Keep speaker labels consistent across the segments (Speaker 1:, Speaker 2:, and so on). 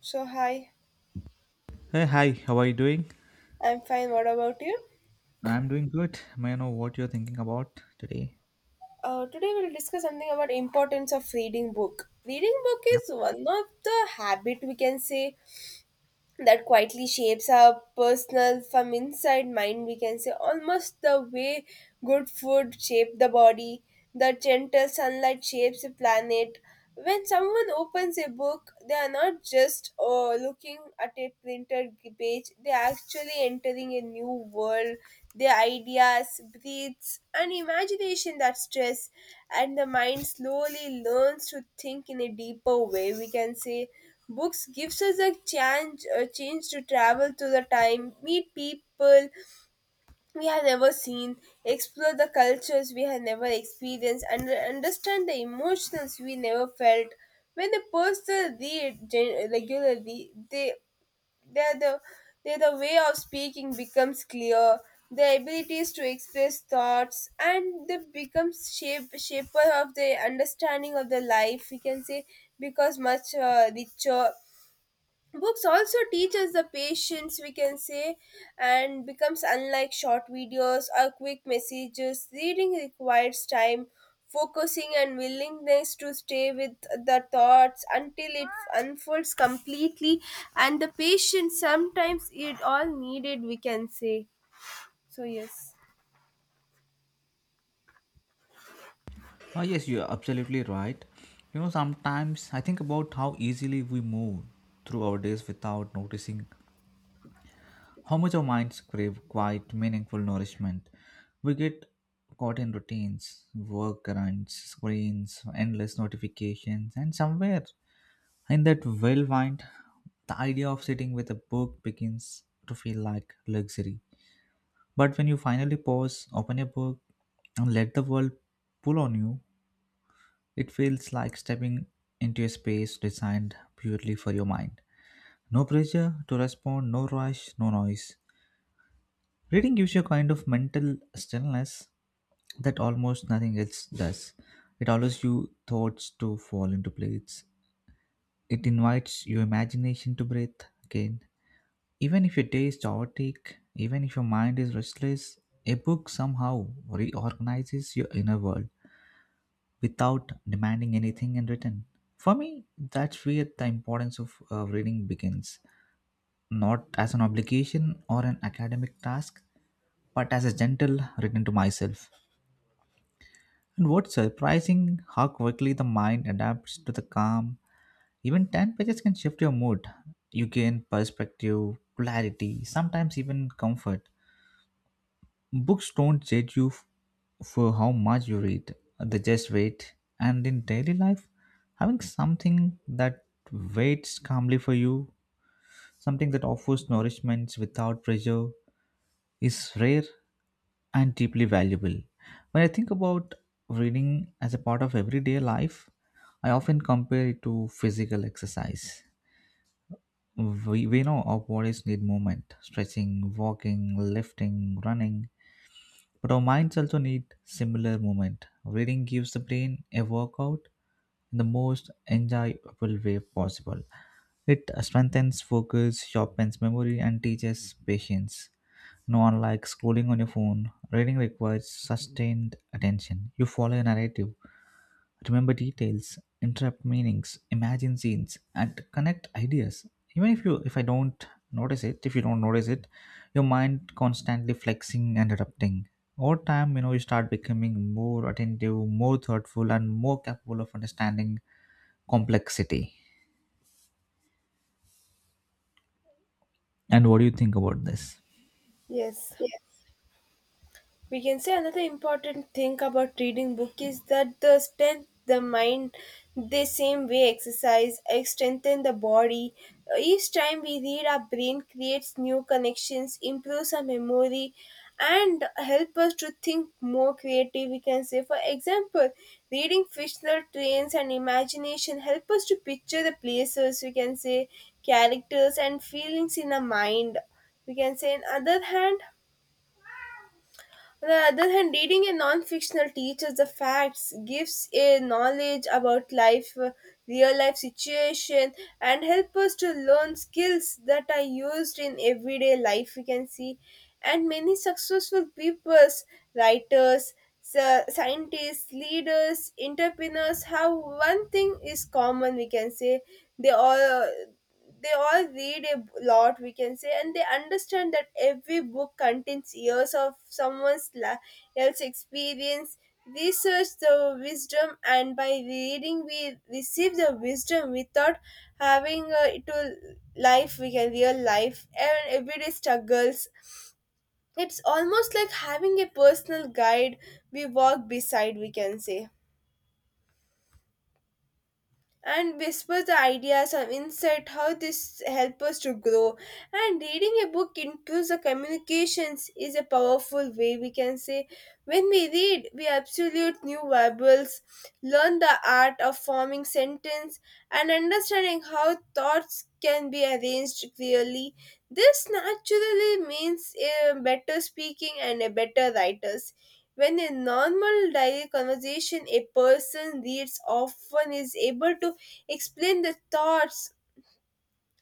Speaker 1: So hi,
Speaker 2: Hey, hi, how are you doing?
Speaker 1: I'm fine. What about you?
Speaker 2: I'm doing good. May I know what you're thinking about today?
Speaker 1: Today we'll discuss something about importance of reading book. Reading book is one of the habit, we can say, that quietly shapes our personal from inside mind, we can say, almost the way good food shapes the body, the gentle sunlight shapes the planet. When someone opens a book, they are not just looking at a printed page, they are actually entering a new world. Their ideas breathes and imagination that stress, and the mind slowly learns to think in a deeper way, we can say. Books gives us a chance to travel through the time, meet people we have never seen, explore the cultures we have never experienced, and understand the emotions we never felt. When a person regularly, they they're the they're the way of speaking becomes clear. Their abilities to express thoughts and they becomes shape shaper of the understanding of the life, we can say, because much richer. Books also teach us the patience, we can say, and becomes unlike short videos or quick messages. Reading requires time, focusing and willingness to stay with the thoughts until it unfolds completely, and the patience sometimes it all needed, we can say. So yes.
Speaker 2: Oh, yes, you're absolutely right. You know, sometimes I think about how easily we move through our days without noticing how much our minds crave quiet, meaningful nourishment. We get caught in routines, work errands, screens, endless notifications, and somewhere in that whirlwind, the idea of sitting with a book begins to feel like luxury. But when you finally pause, open a book, and let the world pull on you, it feels like stepping into a space designed purely for your mind. No pressure to respond, no rush, no noise. Reading gives you a kind of mental stillness that almost nothing else does. It allows you thoughts to fall into place. It invites your imagination to breathe again. Even if your day is chaotic, even if your mind is restless, a book somehow reorganizes your inner world without demanding anything in return. For me, that's where the importance of reading begins, not as an obligation or an academic task, but as a gentle return to myself. And what's surprising how quickly the mind adapts to the calm. Even 10 pages can shift your mood. You gain perspective, clarity, sometimes even comfort. Books don't judge you for how much you read, they just wait. And in daily life, having something that waits calmly for you, something that offers nourishment without pressure, is rare and deeply valuable. When I think about reading as a part of everyday life, I often compare it to physical exercise. We know our bodies need movement, stretching, walking, lifting, running, but our minds also need similar movement. Reading gives the brain a workout in the most enjoyable way possible. It strengthens focus, sharpens memory, and teaches patience. No unlike scrolling on your phone, reading requires sustained attention. You follow a narrative, remember details, interrupt meanings, imagine scenes, and connect ideas. Even if you if I don't notice it, If you don't notice it, your mind constantly flexing and adapting. Over time, you know, you start becoming more attentive, more thoughtful, and more capable of understanding complexity. And what do you think about this?
Speaker 1: Yes. We can say another important thing about reading book is that the strength the mind the same way exercise strengthen the body. Each time we read, our brain creates new connections, improves our memory and help us to think more creative, we can say. For example, reading fictional trains and imagination help us to picture the places, we can say, characters and feelings in our mind, we can say. On the other hand, reading a non-fictional teaches the facts, gives a knowledge about life, real life situation, and help us to learn skills that are used in everyday life. We can see, and many successful people, writers, scientists, leaders, entrepreneurs have one thing is common, we can say. they all they all read a lot, we can say, and they understand that every book contains years of someone's la- else experience, research the wisdom, and by reading we receive the wisdom without having it will life, we can real life and everyday struggles. It's almost like having a personal guide we walk beside, we can say, and whisper the ideas and insight how this help us to grow. And reading a book improves the communications is a powerful way, we can say. When we read, we absolute new verbals, learn the art of forming sentence and understanding how thoughts can be arranged clearly. This naturally means a better speaking and a better writer. When in normal daily conversation, a person reads often is able to explain their thoughts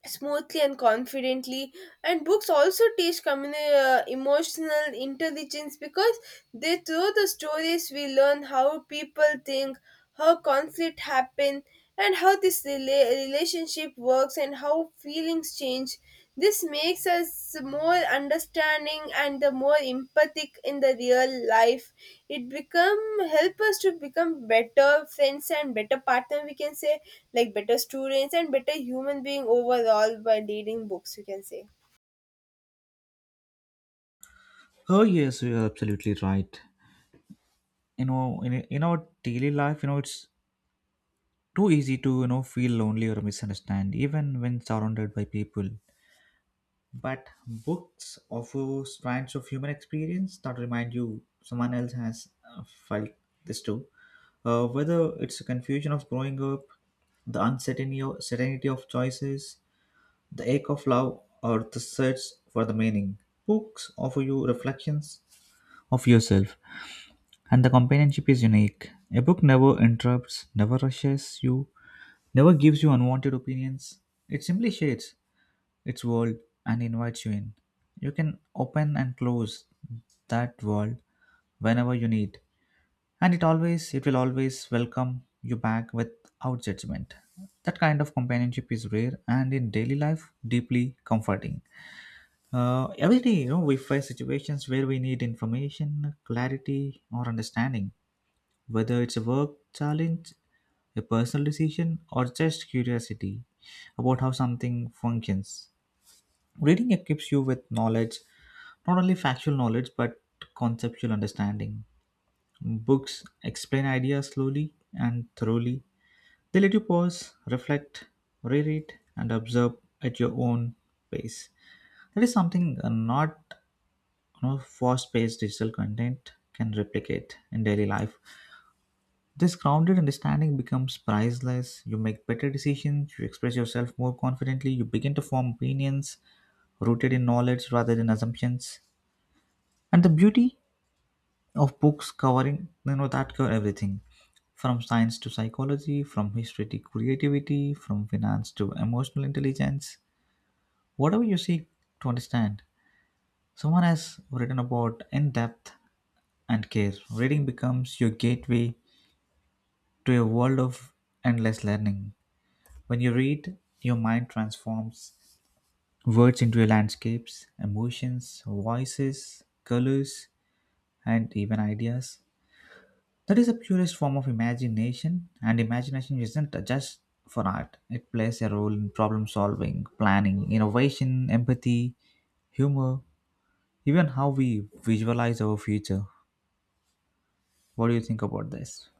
Speaker 1: smoothly and confidently. And books also teach emotional intelligence, because they through the stories we learn how people think, how conflict happen, and how relationship works and how feelings change. This makes us more understanding and the more empathic in the real life. It become Help us to become better friends and better partner, we can say, like better students and better human being overall by reading books, we can say.
Speaker 2: Oh yes, you're absolutely right. You know, in our daily life, it's too easy to feel lonely or misunderstand, even when surrounded by people. But books offer strands of human experience that remind you someone else has felt this too. Whether it's a confusion of growing up, the uncertainty certainty of choices, the ache of love, or the search for the meaning. Books offer you reflections of yourself, and the companionship is unique. A book never interrupts, never rushes you, never gives you unwanted opinions. It simply shades its world and invites you in. You can open and close that world whenever you need, and it will always welcome you back without judgment. That kind of companionship is rare and in daily life deeply comforting. Every day, we face situations where we need information, clarity, or understanding, whether it's a work challenge, a personal decision, or just curiosity about how something functions. Reading equips you with knowledge, not only factual knowledge, but conceptual understanding. Books explain ideas slowly and thoroughly. They let you pause, reflect, reread, and observe at your own pace. That is something not fast paced digital content can replicate in daily life. This grounded understanding becomes priceless. You make better decisions, you express yourself more confidently, you begin to form opinions rooted in knowledge rather than assumptions. And the beauty of books that cover everything from science to psychology, from history to creativity, from finance to emotional intelligence, whatever you seek to understand. Someone has written about in depth and care. Reading becomes your gateway to a world of endless learning. When you read, your mind transforms words into landscapes, emotions, voices, colors, and even ideas. That is the purest form of imagination, and imagination isn't just for art. It plays a role in problem solving, planning, innovation, empathy, humor, even how we visualize our future. What do you think about this?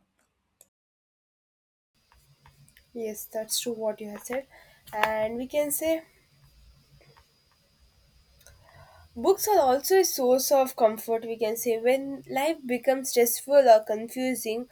Speaker 1: Yes, that's true what you have said. And we can say books are also a source of comfort, we can say. When life becomes stressful or confusing,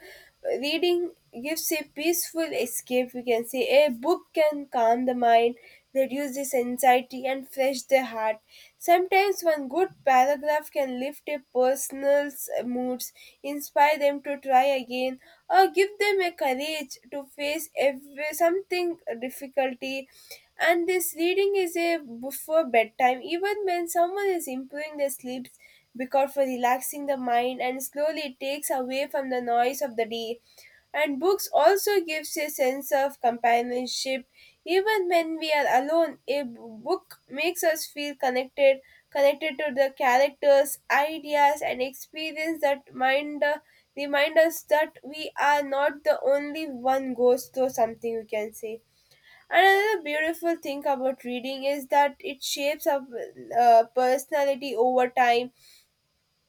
Speaker 1: reading gives a peaceful escape, we can say. A book can calm the mind, reduce this anxiety, and fresh the heart. Sometimes one good paragraph can lift a person's moods, inspire them to try again, or give them a courage to face every, something difficulty. And this reading is a before bedtime, even when someone is improving their sleeps, because for relaxing the mind and slowly it takes away from the noise of the day. And books also gives a sense of companionship. Even when we are alone, a book makes us feel connected, connected to the characters, ideas and experience, that mind remind us that we are not the only one goes through something, you can say. Another beautiful thing about reading is that it shapes our personality over time.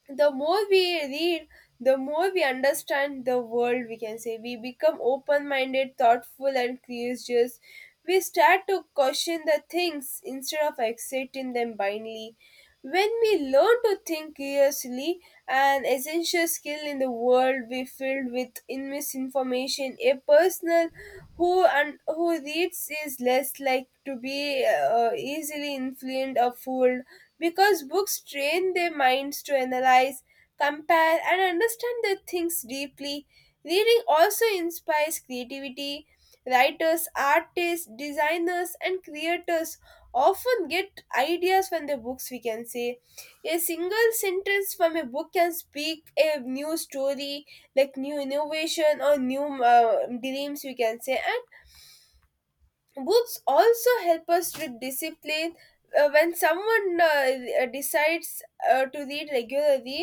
Speaker 1: The more we read, the more we understand the world, we can say. We become open-minded, thoughtful and curious. We start to question the things instead of accepting them blindly. When we learn to think curiously, an essential skill in the world we filled with in misinformation, a person who and who reads is less like to be easily influenced or fooled, because books train their minds to analyze, compare, and understand the things deeply. Reading also inspires creativity. Writers, artists, designers, and creators often get ideas from the books, we can say. A single sentence from a book can speak a new story, like new innovation or new dreams, we can say. And books also help us with discipline. When someone decides to read regularly,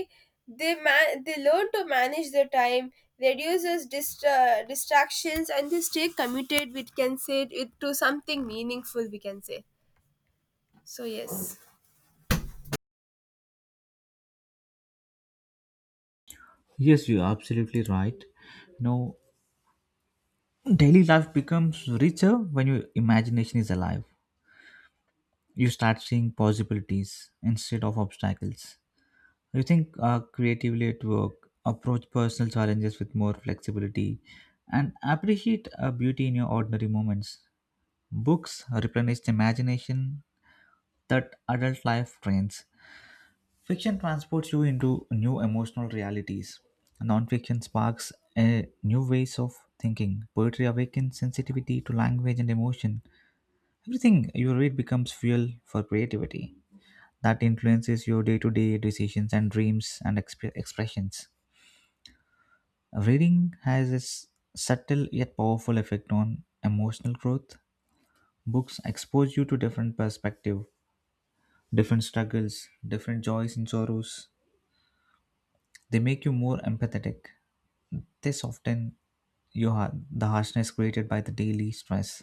Speaker 1: they learn to manage their time, reduces distractions, and they stay committed, we can say, it to something meaningful, we can say. So yes.
Speaker 2: Yes, you're absolutely right. You know, daily life becomes richer when your imagination is alive. You start seeing possibilities instead of obstacles. You think creatively at work, approach personal challenges with more flexibility, and appreciate beauty in your ordinary moments. Books replenish the imagination that adult life drains. Fiction transports you into new emotional realities. Nonfiction sparks new ways of thinking. Poetry awakens sensitivity to language and emotion. Everything you read becomes fuel for creativity that influences your day to day decisions and dreams and expressions. Reading has its subtle yet powerful effect on emotional growth. Books expose you to different perspective, different struggles, different joys and sorrows. They make you more empathetic. They soften your heart, the harshness created by the daily stress.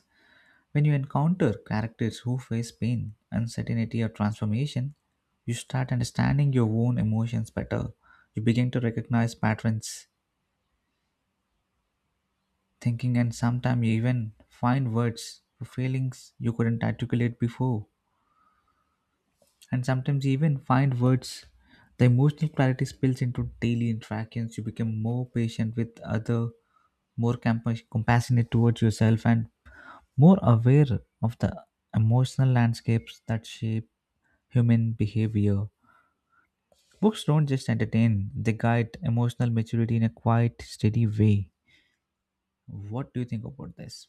Speaker 2: When you encounter characters who face pain, uncertainty, or transformation, you start understanding your own emotions better. You begin to recognize patterns thinking, and sometimes you even find words for feelings you couldn't articulate before, and sometimes you even find words. The emotional clarity spills into daily interactions. You become more patient with other, more compassionate towards yourself, and more aware of the emotional landscapes that shape human behavior. Books don't just entertain, they guide emotional maturity in a quiet, steady way. What do you think about this?